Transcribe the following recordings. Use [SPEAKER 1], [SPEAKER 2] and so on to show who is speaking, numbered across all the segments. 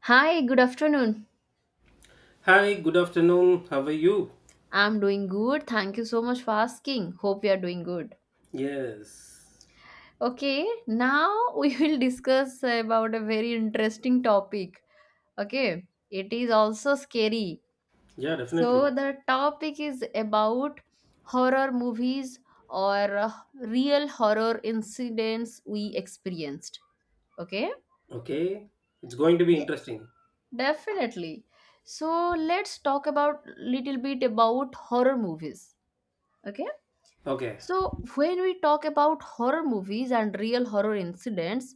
[SPEAKER 1] Hi, good afternoon.
[SPEAKER 2] Hi, good afternoon. How are you?
[SPEAKER 1] I'm doing good. Thank you so much for asking. Hope you are doing good.
[SPEAKER 2] Yes.
[SPEAKER 1] Okay, now we will discuss about a very interesting topic. Okay, it is also scary.
[SPEAKER 2] Yeah,
[SPEAKER 1] So,
[SPEAKER 2] definitely.
[SPEAKER 1] the topic is about horror movies or real horror incidents we experienced. Okay?
[SPEAKER 2] Okay. It's going to be
[SPEAKER 1] Yes.
[SPEAKER 2] interesting.
[SPEAKER 1] Definitely. So, let's talk about little bit about horror movies. Okay?
[SPEAKER 2] Okay.
[SPEAKER 1] So, when we talk about horror movies and real horror incidents,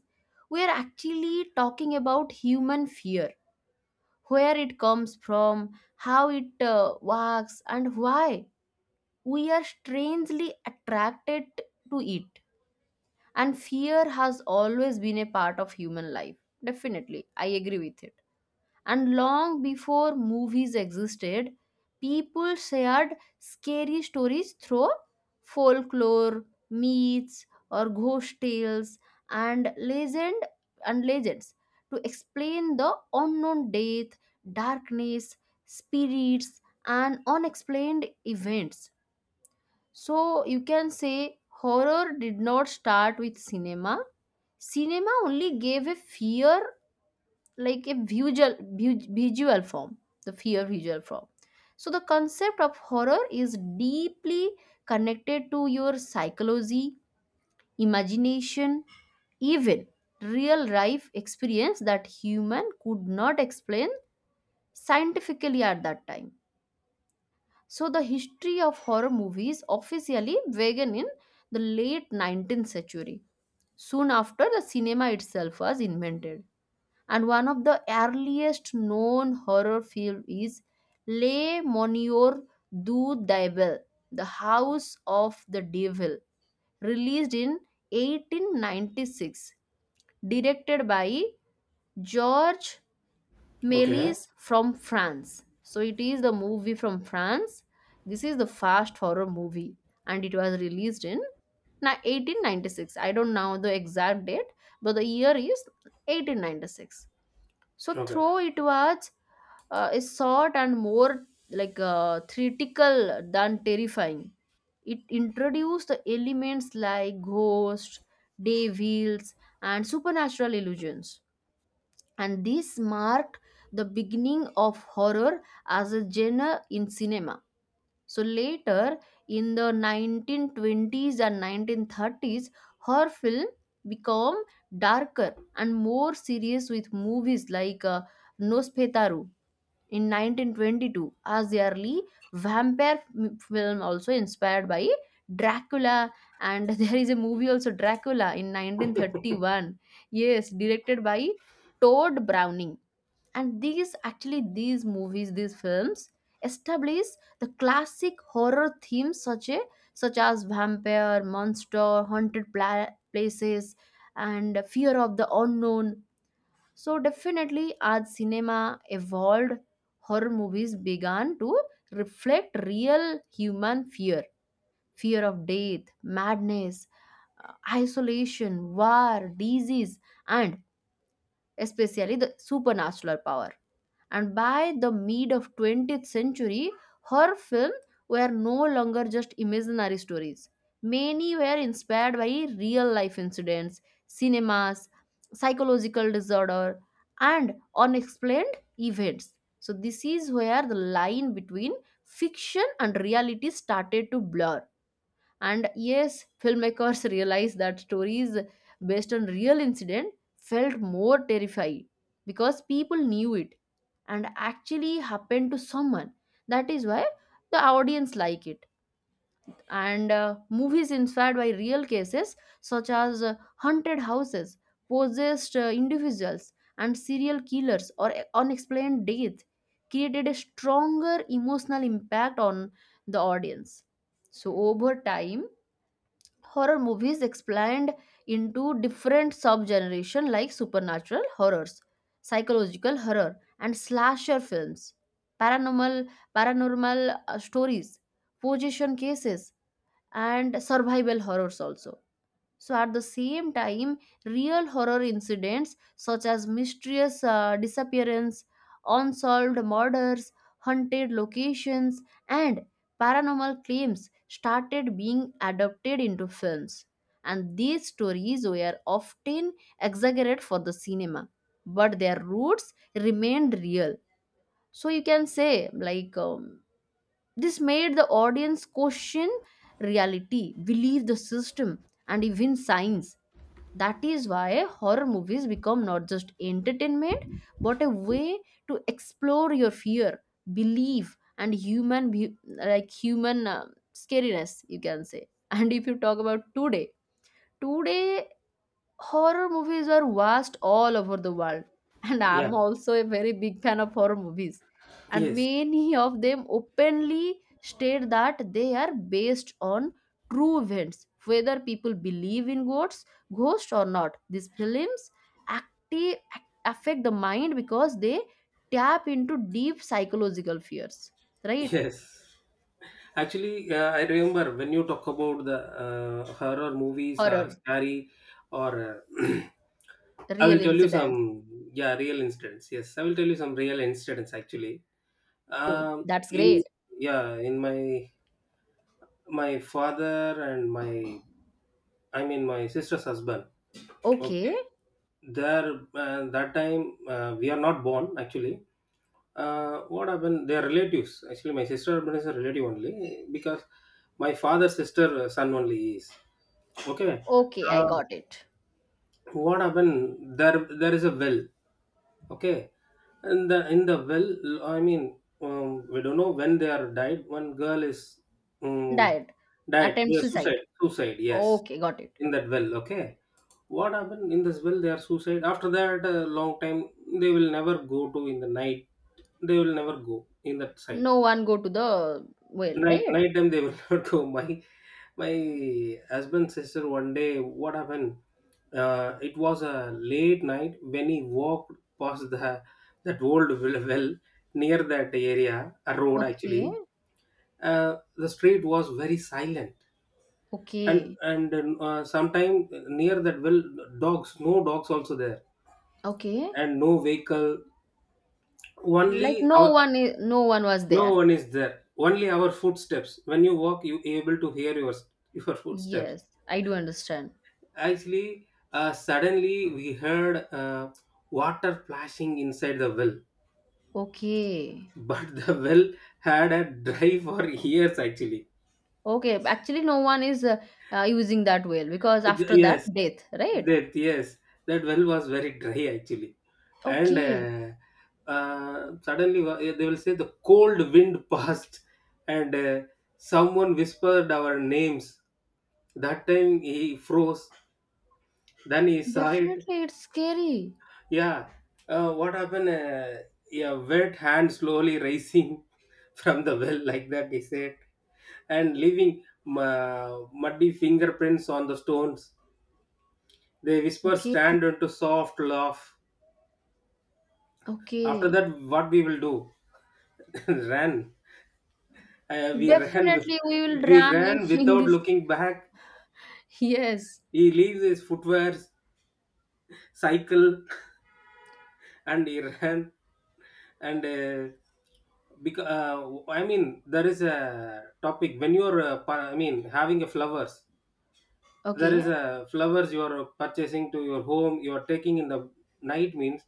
[SPEAKER 1] we are actually talking about human fear, where it comes from, how it works, and why we are strangely attracted to it. And fear has always been a part of human life. Definitely, I agree with it. And long before movies existed, people shared scary stories through folklore, myths, or ghost tales and legends to explain the unknown death, darkness, spirits, and unexplained events. So you can say horror did not start with cinema. Cinema only gave a fear, like a visual visual form, the fear visual form so the concept of horror is deeply connected to your psychology, imagination, even real life experience that human could not explain scientifically at that time. So the history of horror movies officially began in the late 19th century, soon after the cinema itself was invented. And one of the earliest known horror films is Le Monieur du Diable, The House of the Devil, released in 1896, directed by George
[SPEAKER 2] Okay.
[SPEAKER 1] Méliès from France. So it is the movie from France. This is the first horror movie and it was released in 1896. I don't know the exact date, but the year is 1896. So
[SPEAKER 2] Okay.
[SPEAKER 1] throw it was is short and more like theatrical than terrifying. It introduced the elements like ghosts, devils, and supernatural illusions. And this marked the beginning of horror as a genre in cinema. So later, in the 1920s and 1930s, her film become darker and more serious, with movies like Nosferatu in 1922 as the early vampire film, also inspired by Dracula. And there is a movie also, Dracula in 1931, yes, directed by Todd Browning. And these, actually, these films establish the classic horror themes, such a such as vampire, monster, haunted places, and fear of the unknown. So definitely, as cinema evolved, horror movies began to reflect real human fear, fear of death, madness, isolation, war, disease, and especially the supernatural power. And by the mid of 20th century, her films were no longer just imaginary stories. Many were inspired by real life incidents, cinemas, psychological disorder, and unexplained events. So, this is where the line between fiction and reality started to blur. And yes, filmmakers realized that stories based on real incident felt more terrifying because people knew it and actually happened to someone. That is why the audience like it. And movies inspired by real cases, such as haunted houses, possessed individuals, and serial killers or unexplained deaths, created a stronger emotional impact on the audience. So over time, horror movies expand into different sub-generation like supernatural horrors, psychological horror, and slasher films, paranormal paranormal stories, possession cases, and survival horrors also. So, at the same time, real horror incidents such as mysterious disappearance, unsolved murders, haunted locations, and paranormal claims started being adapted into films. And these stories were often exaggerated for the cinema, but their roots remained real. So, you can say, like, this made the audience question reality, believe the system, and even science. That is why horror movies become not just entertainment but a way to explore your fear, belief, and human be- like human scariness, you can say. And if you talk about today, today horror movies are vast all over the world. And
[SPEAKER 2] Yeah.
[SPEAKER 1] I'm also a very big fan of horror movies, and
[SPEAKER 2] Yes.
[SPEAKER 1] many of them openly state that they are based on true events. Whether people believe in ghosts or not, these films active affect the mind because they tap into deep psychological fears, right?
[SPEAKER 2] Yes. Actually, I remember when you talk about the horror movies or
[SPEAKER 1] Horror,
[SPEAKER 2] scary or I
[SPEAKER 1] real
[SPEAKER 2] will tell you
[SPEAKER 1] incidents.
[SPEAKER 2] some yeah real incidents. Yes, I will tell you some real incidents actually. Um,
[SPEAKER 1] That's
[SPEAKER 2] in
[SPEAKER 1] great.
[SPEAKER 2] yeah, in my father and my I mean my sister's husband. Okay,
[SPEAKER 1] Okay.
[SPEAKER 2] there that time we are not born actually. What happened? They are relatives. Actually, my sister husband is a relative only because my father's sister son only he is. Okay,
[SPEAKER 1] Okay, I
[SPEAKER 2] uh,
[SPEAKER 1] got it.
[SPEAKER 2] what happened? There is a well. Okay, and the in the well, I mean, we don't know when they are died. One girl is um,
[SPEAKER 1] Died.
[SPEAKER 2] died. They
[SPEAKER 1] Attempt
[SPEAKER 2] are suicide.
[SPEAKER 1] suicide.
[SPEAKER 2] Suicide. Yes,
[SPEAKER 1] Okay, got it.
[SPEAKER 2] in that well. Okay, what happened in this well they are suicide. After that a long time, they will never go to in the night, they will never go in that side.
[SPEAKER 1] No one go to the well,
[SPEAKER 2] night
[SPEAKER 1] right?
[SPEAKER 2] night time they will not go. My husband's sister one day, what happened? It was a late night when he walked past the that old well, well near that area, a road actually.
[SPEAKER 1] Okay.
[SPEAKER 2] Uh, the street was very silent, and
[SPEAKER 1] Okay.
[SPEAKER 2] and sometime near that well, dogs, no dogs also there,
[SPEAKER 1] Okay.
[SPEAKER 2] and no vehicle,
[SPEAKER 1] Like,
[SPEAKER 2] only our,
[SPEAKER 1] no one was
[SPEAKER 2] no
[SPEAKER 1] there.
[SPEAKER 2] one is there, only our footsteps. When you walk you able to hear your footsteps
[SPEAKER 1] Yes, I do understand.
[SPEAKER 2] actually. Uh, suddenly we heard water plashing inside the well.
[SPEAKER 1] Okay.
[SPEAKER 2] But the well had a dry for years actually.
[SPEAKER 1] Okay, actually no one is using that well because after that
[SPEAKER 2] Yes,
[SPEAKER 1] death, right?
[SPEAKER 2] that, yes, that well was very dry actually. And
[SPEAKER 1] Okay.
[SPEAKER 2] suddenly they will say the cold wind passed, and someone whispered our names. That time he froze, then he saw it.
[SPEAKER 1] Definitely it's scary.
[SPEAKER 2] Yeah, what happened? Yeah, wet hand slowly rising from the well, like that he said, and leaving muddy fingerprints on the stones. They whisper,
[SPEAKER 1] Okay.
[SPEAKER 2] stand into soft laugh. After
[SPEAKER 1] Okay.
[SPEAKER 2] that, what we will do? Ran. We ran with,
[SPEAKER 1] Definitely we will
[SPEAKER 2] we
[SPEAKER 1] run
[SPEAKER 2] ran
[SPEAKER 1] if in
[SPEAKER 2] without
[SPEAKER 1] this.
[SPEAKER 2] looking back.
[SPEAKER 1] Yes.
[SPEAKER 2] He leaves his footwear, cycle, and he ran. And because I mean, there is a topic when you're, I mean, having a flowers. There is
[SPEAKER 1] Okay.
[SPEAKER 2] a flowers you are purchasing to your home. You are taking in the night means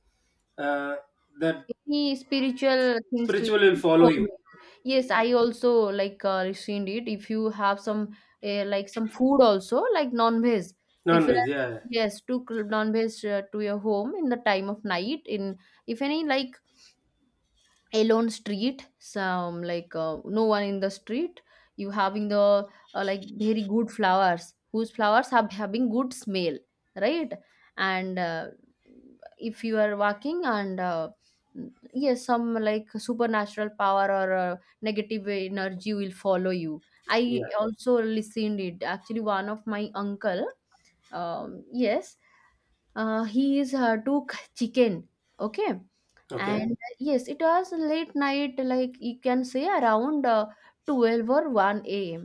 [SPEAKER 2] uh, that
[SPEAKER 1] Any spiritual things to
[SPEAKER 2] spiritual will follow you.
[SPEAKER 1] follow. Yes, I also like, rescind it. If you have some, like some food also like non-veg, if you are,
[SPEAKER 2] Non-veg, yeah.
[SPEAKER 1] yes, took non-veg to your home in the time of night, in, if any, like alone street, some, like no one in the street, you having the like very good flowers, whose flowers have having good smell, right? And if you are walking, and yes, some, like, supernatural power or negative energy will follow you. I
[SPEAKER 2] Yeah.
[SPEAKER 1] also listened it. Actually, one of my uncle, yes, he is took chicken. Okay.
[SPEAKER 2] Okay,
[SPEAKER 1] And yes, it was late night, like you can say, around 12 or 1 a.m.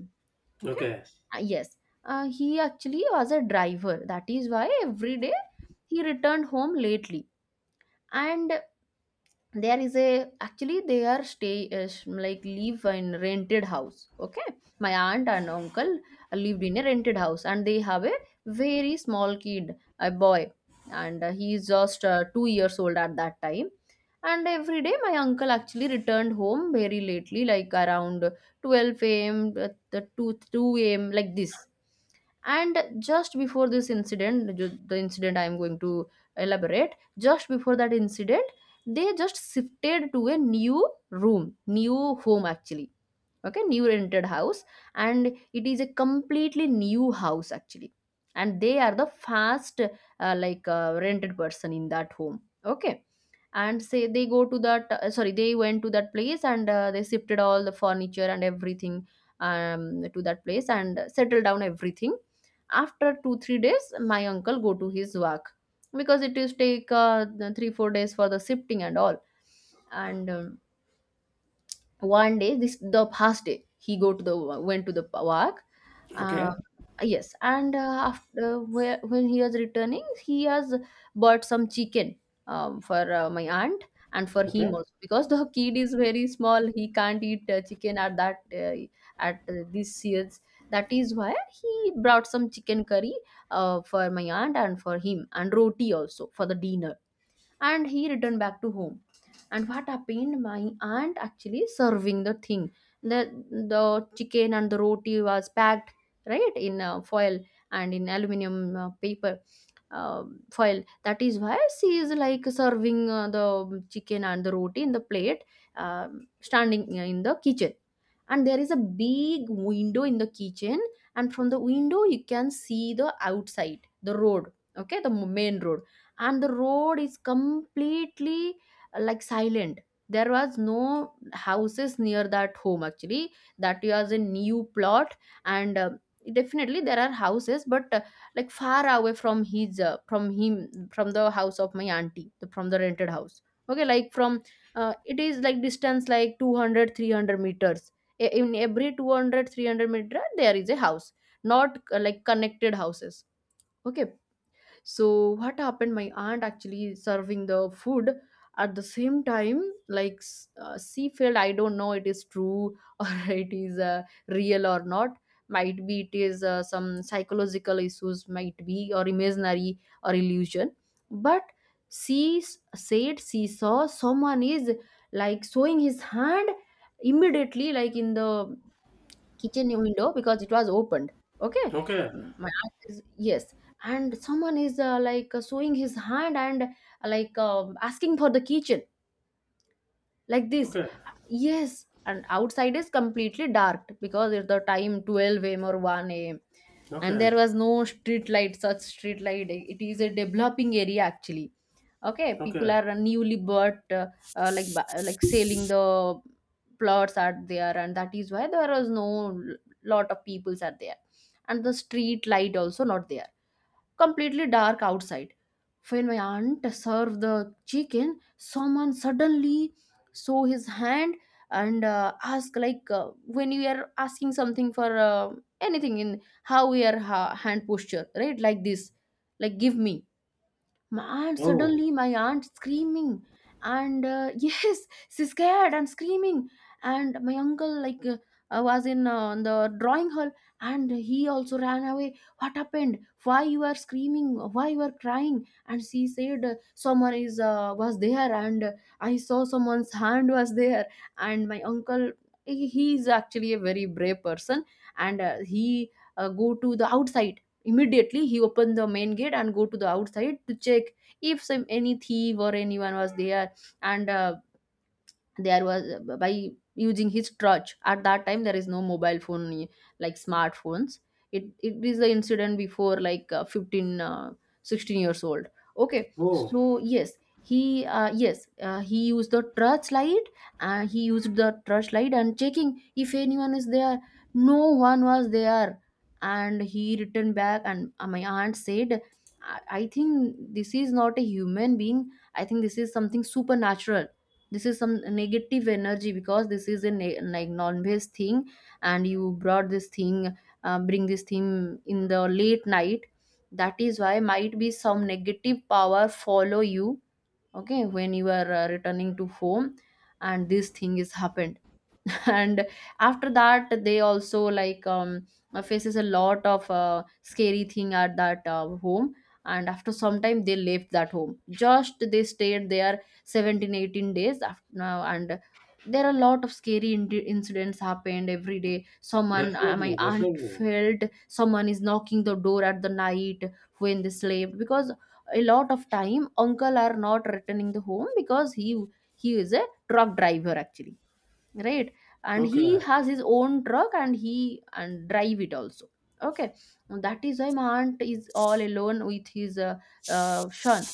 [SPEAKER 1] Okay.
[SPEAKER 2] okay,
[SPEAKER 1] Yes, he actually was a driver, that is why every day he returned home lately. And there is a, actually, they are stay like live in rented house. Okay, my aunt and uncle lived in a rented house, and they have a very small kid, a boy. And he is just 2 years old at that time. And every day my uncle actually returned home very lately, like around 12 a.m, the 2 a.m, like this. And just before this incident, the incident I am going to elaborate, just before that incident, they just shifted to a new room, new home, actually. Okay, new rented house. And it is a completely new house, actually. And they are the first rented person in that home. Okay. And say they go to that, sorry, they went to that place, and they shifted all the furniture and everything, um, to that place, and settled down everything. After 2 3 days my uncle go to his work, because it is take 3 4 days for the shifting and all. And one day, this, the past day, he go to the went to the park. uh,
[SPEAKER 2] okay,
[SPEAKER 1] yes. And after where, when he was returning, he has bought some chicken, for my aunt and for him
[SPEAKER 2] okay,
[SPEAKER 1] also, because the kid is very small, he can't eat chicken at that, at this years. That is why he brought some chicken curry for my aunt and for him, and roti also for the dinner. And he returned back to home. And what happened, my aunt actually serving the thing, the the chicken and the roti was packed, right, in foil, and in aluminum paper, uh, foil, that is why she is like serving the chicken and the roti in the plate, um, standing in the kitchen. And there is a big window in the kitchen, and from the window you can see the outside, the road. Okay, the main road. And the road is completely, like, silent. There was no houses near that home, actually. That was a new plot. And definitely there are houses, but like far away from his from him, from the house of my auntie, from the rented house. Okay, like from it is like distance like 200, 300 meters. In every 200, 300 meter there is a house, not like connected houses. Okay. So what happened, my aunt actually serving the food. At the same time, like seafield, I don't know it is true or it is real or not. Might be it is some psychological issues, might be, or imaginary, or illusion. But she said she saw someone is, like, showing his hand immediately, like in the kitchen window, because it was opened. Okay.
[SPEAKER 2] okay,
[SPEAKER 1] Mm, my aunt is, yes. And someone is, like, sewing his hand and like asking for the kitchen, like this.
[SPEAKER 2] okay,
[SPEAKER 1] Yes. And outside is completely dark because it's the time 12 a.m or 1 a.m. And
[SPEAKER 2] okay,
[SPEAKER 1] there was no street light, such street light, it is a developing area, actually. Okay, people
[SPEAKER 2] okay.
[SPEAKER 1] are newly bought, like like selling the plots are there, and that is why there was no lot of peoples are there. And the street light also not there, completely dark outside. When my aunt served the chicken, someone suddenly saw his hand and asked, like, when you are asking something for anything, in how your hand posture, right? Like this, like, give me. My aunt,
[SPEAKER 2] Oh,
[SPEAKER 1] suddenly my aunt screaming, and yes, she's scared and screaming. And my uncle, like, was in the drawing hall and he also ran away. What happened? Why you are screaming? Why you are crying? And she said, someone is was there, and I saw someone's hand was there. And my uncle, he is actually a very brave person, and he go to the outside. Immediately he opened the main gate and go to the outside to check if some any thief or anyone was there, and there was by using his crutch. At that time there is no mobile phone like smartphones. It is the incident before like 15 16 years old. Okay,
[SPEAKER 2] oh,
[SPEAKER 1] so yes, he yes, he used the torch light, and he used the torch light and checking if anyone is there. No one was there, and he returned back. And my aunt said, I think this is not a human being. I think this is something supernatural. This is some negative energy, because this is a like non-veg thing, and you brought this thing. Bring this thing in the late night, that is why might be some negative power follow you. Okay, when you are returning to home, and this thing is happened. And after that, they also like faces a lot of scary thing at that home. And after some time they left that home. Just they stayed there 17, 18 days after now, and there are a lot of scary incidents happened. Every day someone, my
[SPEAKER 2] definitely,
[SPEAKER 1] aunt
[SPEAKER 2] definitely.
[SPEAKER 1] felt someone is knocking the door at the night when they slept, because a lot of time uncle are not returning the home, because he is a truck driver actually, right? And
[SPEAKER 2] Okay,
[SPEAKER 1] he has his own truck, and he and drive it also. Okay. That is why my aunt is all alone with his son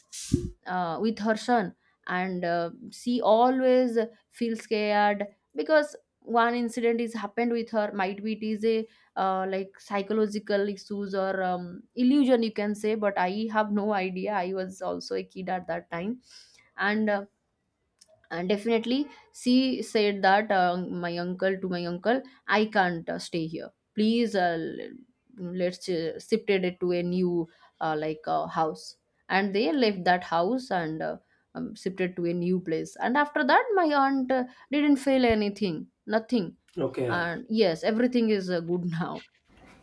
[SPEAKER 1] with her son. And she always feels scared, because one incident is happened with her. Might be it is a like psychological issues or illusion, you can say, but I have no idea. I was also a kid at that time. And and definitely she said that, my uncle to my uncle, I can't stay here. Please let's shifted it to a new house. And they left that house and shifted to a new place. And after that my aunt didn't fail anything, nothing.
[SPEAKER 2] okay.
[SPEAKER 1] And yes, everything is good now.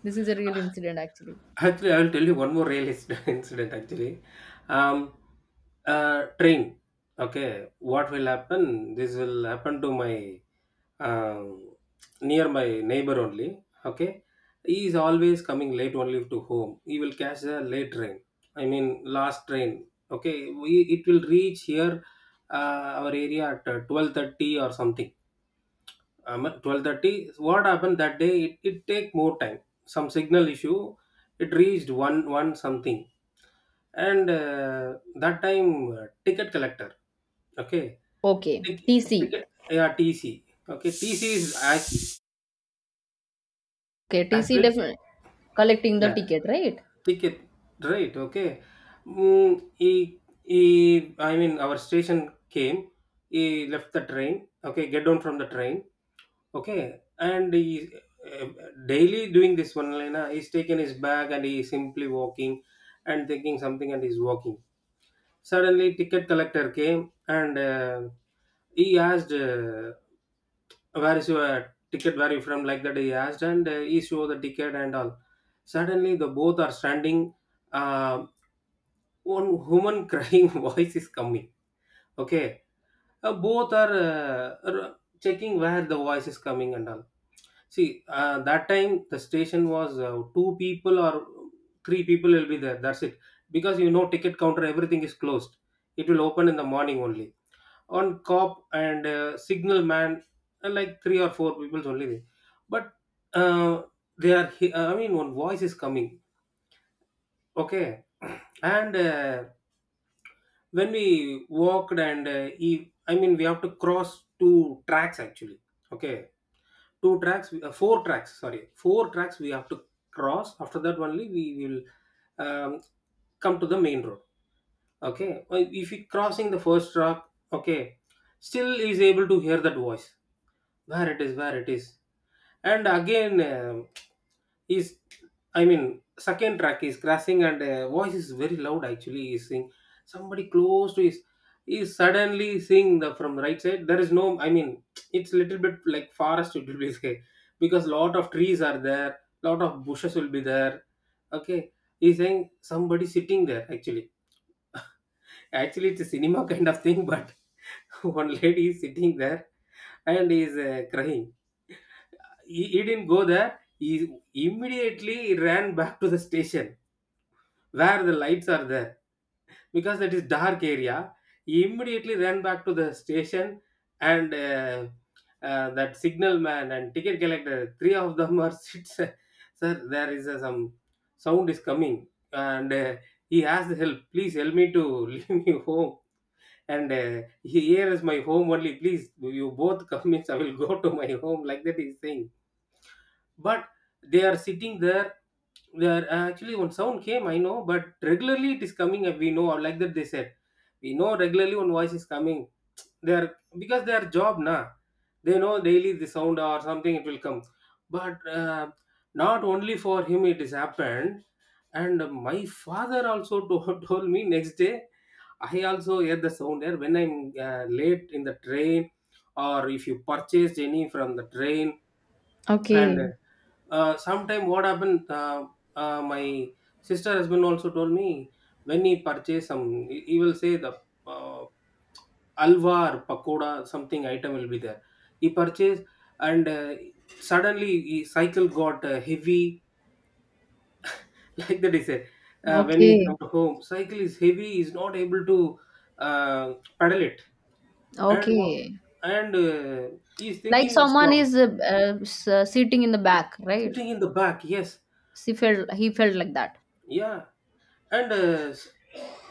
[SPEAKER 1] This is a real incident actually.
[SPEAKER 2] Actually, I will tell you one more real incident. Actually, um, train. Okay, what will happen? This will happen to my um, near my neighbor only. Okay, he is always coming late only to home. He will catch the late train. I mean, last train. Okay, we, it will reach here our area at 12:30 or something, 12:30. What happened that day, it take more time, some signal issue. It reached 1 1 something, and that time ticket collector. Okay,
[SPEAKER 1] Okay,
[SPEAKER 2] Tic-
[SPEAKER 1] TC.
[SPEAKER 2] ticket yeah, TC. Okay, TC is act-
[SPEAKER 1] Okay, TC
[SPEAKER 2] actually,
[SPEAKER 1] definitely collecting the
[SPEAKER 2] yeah,
[SPEAKER 1] ticket, right?
[SPEAKER 2] ticket, right. Okay, mm, he, he, I mean, our station came, he left the train. Okay, get down from the train. Okay, and he uh, daily doing this one liner. He's taken his bag and he's simply walking and thinking something and he's walking. Suddenly, ticket collector came and he asked, "Where is your ticket? Where you from?" Like that, he asked, and he showed the ticket and all. Suddenly, the both are standing. Uh, one woman crying voice is coming. Okay, both are checking where the voice is coming and all. See, that time the station was two people or three people will be there. That's it. Because you know, ticket counter, everything is closed. It will open in the morning only. On cop and signal man, like three or four people only there. But uh, they are, I mean, one voice is coming. Okay, and when we walked and he, I mean, we have to cross two tracks actually. Okay, two tracks, four tracks, sorry, four tracks we have to cross. After that only we will um, come to the main road. Okay, if you crossing the first track, okay, still is able to hear that voice, where it is, where it is. And again is I mean second track is crashing, and voice is very loud actually. He's saying somebody close to his, is suddenly seeing the from right side. There is no, I mean, it's little bit like forest it will be there, because lot of trees are there, lot of bushes will be there. Okay, he's saying somebody sitting there actually. Actually it's a cinema kind of thing, but one lady is sitting there and is crying. He didn't go there. He immediately ran back to the station where the lights are there, because that is dark area. He immediately ran back to the station, and that signal man and ticket collector, three of them are sits. Sir, there is a, some sound is coming, and he asked help. Please help me to leave me home. And here is my home only. Please, you both come means I will go to my home. Like that, he's saying, but they are sitting there. They are actually one sound came, I know, but regularly it is coming. And we know, or like that they said, we know regularly one voice is coming. They are because their job na, they know daily the sound or something it will come. But not only for him it is happened, and my father also told, told me next day. I also hear the sound there when I'm late in the train, or if you purchased any from the train. And
[SPEAKER 1] Okay.
[SPEAKER 2] sometime what happened, my sister husband also told me, when he purchase some, he will say the uh, alva or pakoda, something item will be there. He purchased, and suddenly his cycle got heavy like that he said. When he
[SPEAKER 1] Okay.
[SPEAKER 2] come to home, cycle is heavy, is not able to uh, pedal it, and what?
[SPEAKER 1] Okay.
[SPEAKER 2] And he's
[SPEAKER 1] Like
[SPEAKER 2] thinking
[SPEAKER 1] someone
[SPEAKER 2] strong,
[SPEAKER 1] is sitting in the back, right?
[SPEAKER 2] sitting in the back. Yes,
[SPEAKER 1] She felt he felt like that,
[SPEAKER 2] yeah. And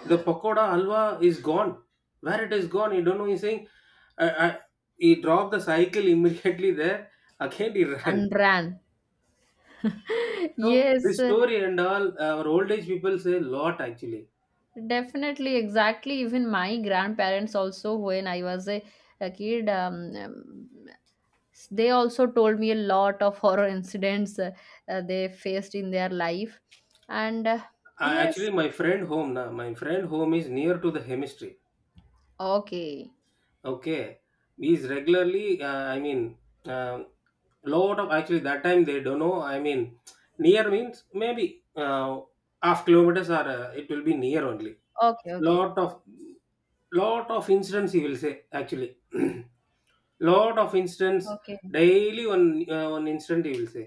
[SPEAKER 2] the pakoda halwa is gone. Where it is gone, you don't know, he's saying. I, I, he dropped the cycle immediately there, again he
[SPEAKER 1] and
[SPEAKER 2] ran.
[SPEAKER 1] ran.
[SPEAKER 2] So
[SPEAKER 1] Yes,
[SPEAKER 2] this story and all, our old age people say a lot actually.
[SPEAKER 1] definitely, exactly. Even my grandparents also, when I was a kid, they also told me a lot of horror incidents they faced in their life. And
[SPEAKER 2] I,
[SPEAKER 1] yes,
[SPEAKER 2] actually my friend home, now my friend home is near to the chemistry.
[SPEAKER 1] okay,
[SPEAKER 2] Okay, he's regularly I mean, um lot of, actually that time they don't know, I mean, near means maybe half kilometers or it will be near only.
[SPEAKER 1] okay, okay,
[SPEAKER 2] Lot of lot of incidents he will say actually. Lot of incidents,
[SPEAKER 1] okay,
[SPEAKER 2] daily one one incident he will say.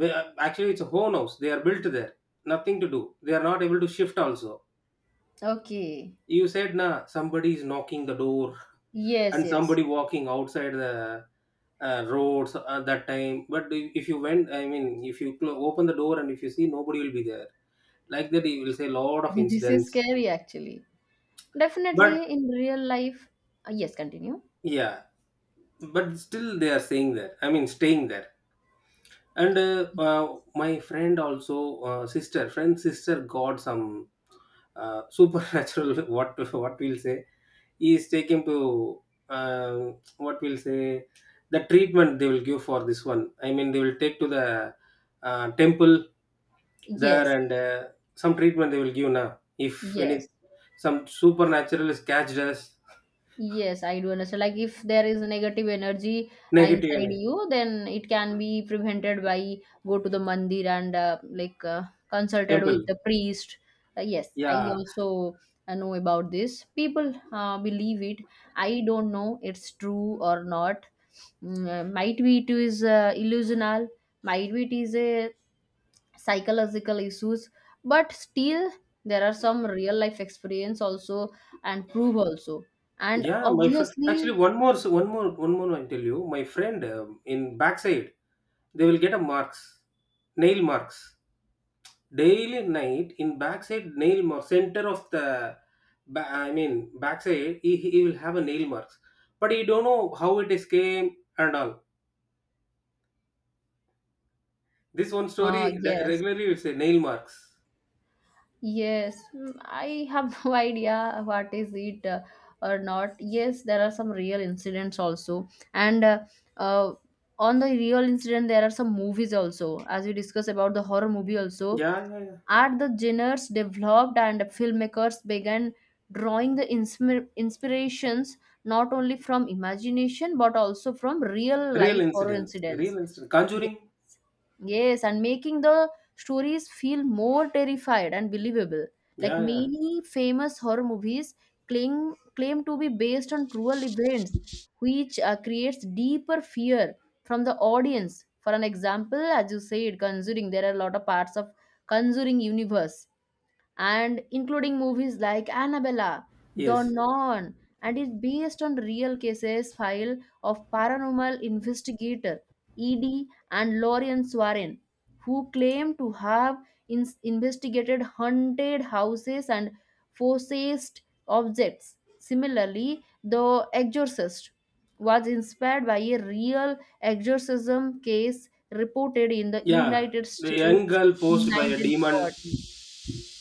[SPEAKER 2] Actually it's a own house they are built there, nothing to do, they are not able to shift also.
[SPEAKER 1] okay.
[SPEAKER 2] You said nah, somebody is knocking the door,
[SPEAKER 1] Yes,
[SPEAKER 2] and
[SPEAKER 1] yes.
[SPEAKER 2] somebody walking outside the roads at that time. But if you went, I mean, if you open the door, and if you see, nobody will be there. Like that he will say, lot of
[SPEAKER 1] This is
[SPEAKER 2] incidents.
[SPEAKER 1] scary actually.
[SPEAKER 2] But
[SPEAKER 1] Definitely in real life. Yes, continue.
[SPEAKER 2] yeah, but still they are staying there, I mean staying there. And my friend also sister friend sister got some supernatural what we'll say, is taken to uh, what we'll say, the treatment they will give for this one, I mean they will take to the temple there,
[SPEAKER 1] Yes,
[SPEAKER 2] and some treatment they will give now, if any
[SPEAKER 1] yes,
[SPEAKER 2] some supernatural is catched as
[SPEAKER 1] yes, I do understand. Like if there is negative energy
[SPEAKER 2] negative in
[SPEAKER 1] inside you, then it can be prevented by go to the mandir and consulted with
[SPEAKER 2] temple.
[SPEAKER 1] the priest. Yes, I
[SPEAKER 2] Yeah.
[SPEAKER 1] also know about this. People believe it. I don't know it's true or not. Might be it is illusional. Might be it is a psychological issues, but still there are some real life experience also, and prove also, and
[SPEAKER 2] Yeah, my friend. Actually,
[SPEAKER 1] obviously
[SPEAKER 2] one more, one more, one more, I tell you. My friend in backside, they will get a marks, nail marks, daily night, in backside, nail mark center of the, I mean backside. He will have a nail marks, but he don't know how it is came and all. This one story the-
[SPEAKER 1] yes.
[SPEAKER 2] regularly will say nail marks.
[SPEAKER 1] Yes, I have no idea what is it or not. Yes, there are some real incidents also, and uh, on the real incident, there are some movies also. As we discuss about the horror movie, also
[SPEAKER 2] Yeah, yeah, yeah.
[SPEAKER 1] are the genres developed, and filmmakers began drawing the inspirations not only from imagination but also from real
[SPEAKER 2] Real
[SPEAKER 1] life horror
[SPEAKER 2] incidents,
[SPEAKER 1] incidents.
[SPEAKER 2] real incident. Conjuring.
[SPEAKER 1] Yes, and making the stories feel more terrified and believable. Like
[SPEAKER 2] Yeah, yeah.
[SPEAKER 1] many famous horror movies claim to be based on cruel events, which creates deeper fear from the audience. For an example, as you said, Conjuring, there are a lot of parts of Conjuring universe, and including movies like Annabella, The
[SPEAKER 2] Yes.
[SPEAKER 1] Non, and is based on real cases file of paranormal investigator E.D. and Lorian Warren, who claim to have investigated haunted houses and possessed objects. Similarly, The Exorcist was inspired by a real exorcism case reported in the
[SPEAKER 2] Yeah.
[SPEAKER 1] United
[SPEAKER 2] The young
[SPEAKER 1] States
[SPEAKER 2] girl
[SPEAKER 1] in
[SPEAKER 2] posed by a demon.
[SPEAKER 1] 1940.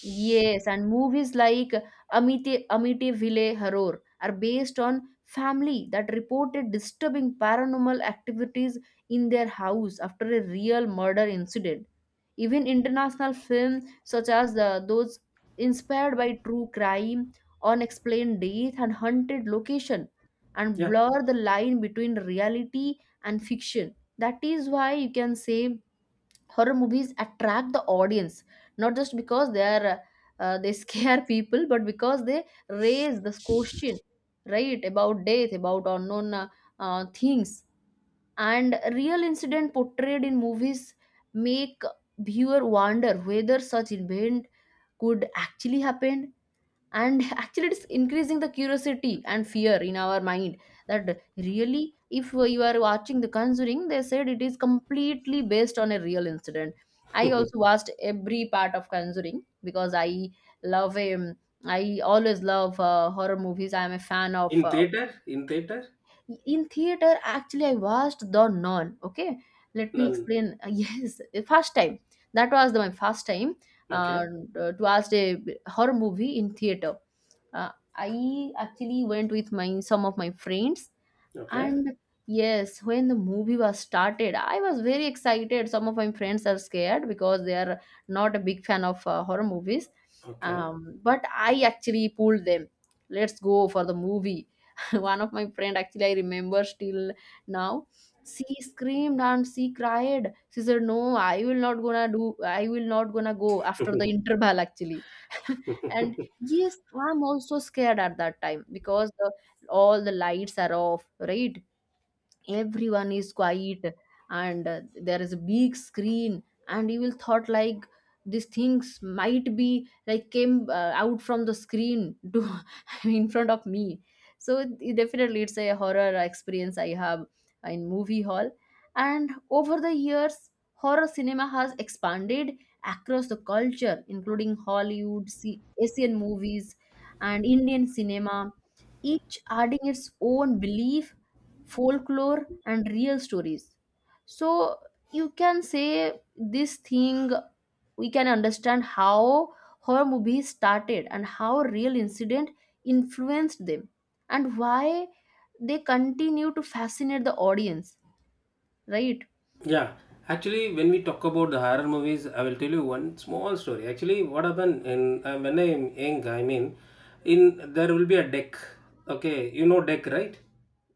[SPEAKER 1] Yes, and movies like Amite Amityville Horror are based on family that reported disturbing paranormal activities in their house after a real murder incident. Even international films such as the, those inspired by true crime, unexplained death, and haunted location, and
[SPEAKER 2] Yeah.
[SPEAKER 1] blur the line between reality and fiction. That is why you can say horror movies attract the audience, not just because they are they scare people, but because they raise this question, right, about death, about unknown things. And real incident portrayed in movies make viewer wonder whether such event could actually happen, and actually it's increasing the curiosity and fear in our mind. That really, if you are watching the Conjuring, they said it is completely based on a real incident. I also watched every part of Conjuring because I love I always love horror movies. I am a fan of
[SPEAKER 2] In theater? In theater?
[SPEAKER 1] in theater. Actually I watched The Nun. Okay, let me
[SPEAKER 2] None.
[SPEAKER 1] explain. Yes, the first time, that was the, my first time uh,
[SPEAKER 2] Okay.
[SPEAKER 1] to watch a horror movie in theater. I actually went with my some of my friends,
[SPEAKER 2] Okay.
[SPEAKER 1] and yes, when the movie was started, I was very excited. Some of my friends are scared because they are not a big fan of horror movies.
[SPEAKER 2] Okay.
[SPEAKER 1] But I actually pulled them. Let's go for the movie. One of my friend actually I remember still now. She screamed and she cried. She said, "No, I will not gonna do. I will not gonna go after the interval actually." And yes, I'm also scared at that time, because all the lights are off, right? Everyone is quiet, and there is a big screen, and you will thought like these things might be like came out from the screen to in front of me. So it definitely it's a horror experience I have in movie hall. And over the years, horror cinema has expanded across the culture, including Hollywood, Asian movies, and Indian cinema, each adding its own belief, folklore, and real stories. So you can say this thing, we can understand how horror movies started, and how real incident influenced them, and why they continue to fascinate the audience, right?
[SPEAKER 2] Yeah, actually, when we talk about the horror movies, I will tell you one small story. Actually, what happened in when I'm young, I mean, in there will be a deck. Okay, you know deck, right?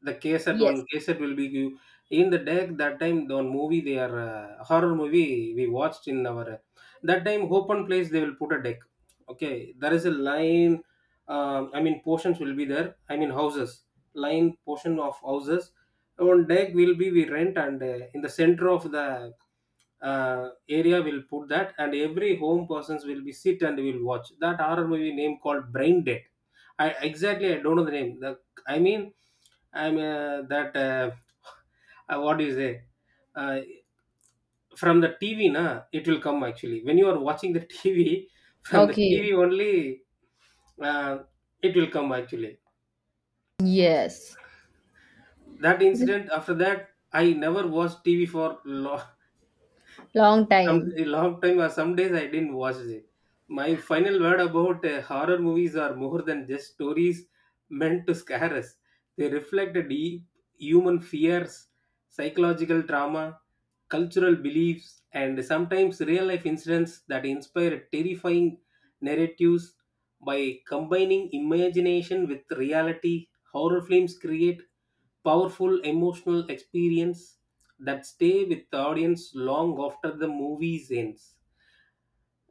[SPEAKER 2] The cassette,
[SPEAKER 1] Yes,
[SPEAKER 2] one cassette will be you in the deck. That time, the one movie they are horror movie we watched in our that time open place they will put a deck. Okay, there is a line. I mean, portions will be there. I mean, houses line portion of houses on deck will be we rent, and in the center of the area we'll put that, and every home persons will be sit and will watch that horror movie name called brain dead. I exactly I don't know the name, the, I mean, I'm that what do you say, uh, from the TV na it will come actually. When you are watching the TV, from the
[SPEAKER 1] okay,
[SPEAKER 2] TV only, uh, it will come actually.
[SPEAKER 1] yes,
[SPEAKER 2] That incident, after that I never watched TV for long,
[SPEAKER 1] long
[SPEAKER 2] some
[SPEAKER 1] time,
[SPEAKER 2] a long time or some days I didn't watch it. My final word about horror movies are more than just stories meant to scare us. They reflect a deep human fears, psychological trauma, cultural beliefs, and sometimes real life incidents that inspire terrifying narratives. By combining imagination with reality, horror films create powerful emotional experience that stay with the audience long after the movie ends.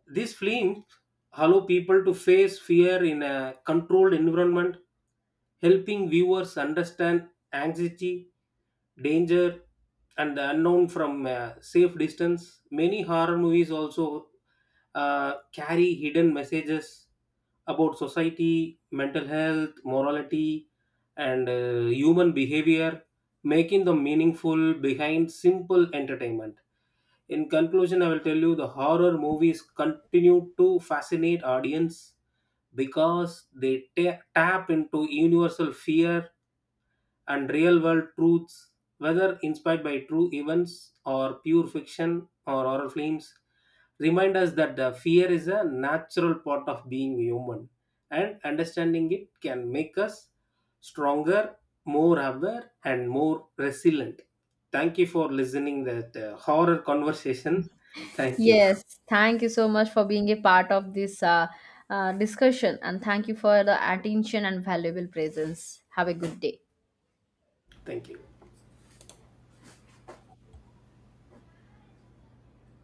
[SPEAKER 2] These films allow people to face fear in a controlled environment, helping viewers understand anxiety, danger, and the unknown from a safe distance. Many horror movies also carry hidden messages about society, mental health, morality, and human behavior, making the meaningful behind simple entertainment. In conclusion, I will tell you the horror movies continue to fascinate audience because they tap into universal fear and real world truths. Whether inspired by true events or pure fiction or horror films, remind us that the fear is a natural part of being human, and understanding it can make us stronger, more aware, and more resilient. Thank you for listening that horror conversation. Thank you.
[SPEAKER 1] yes, thank you so much for being a part of this discussion, and thank you for the attention and valuable presence. Have a good day.
[SPEAKER 2] Thank you.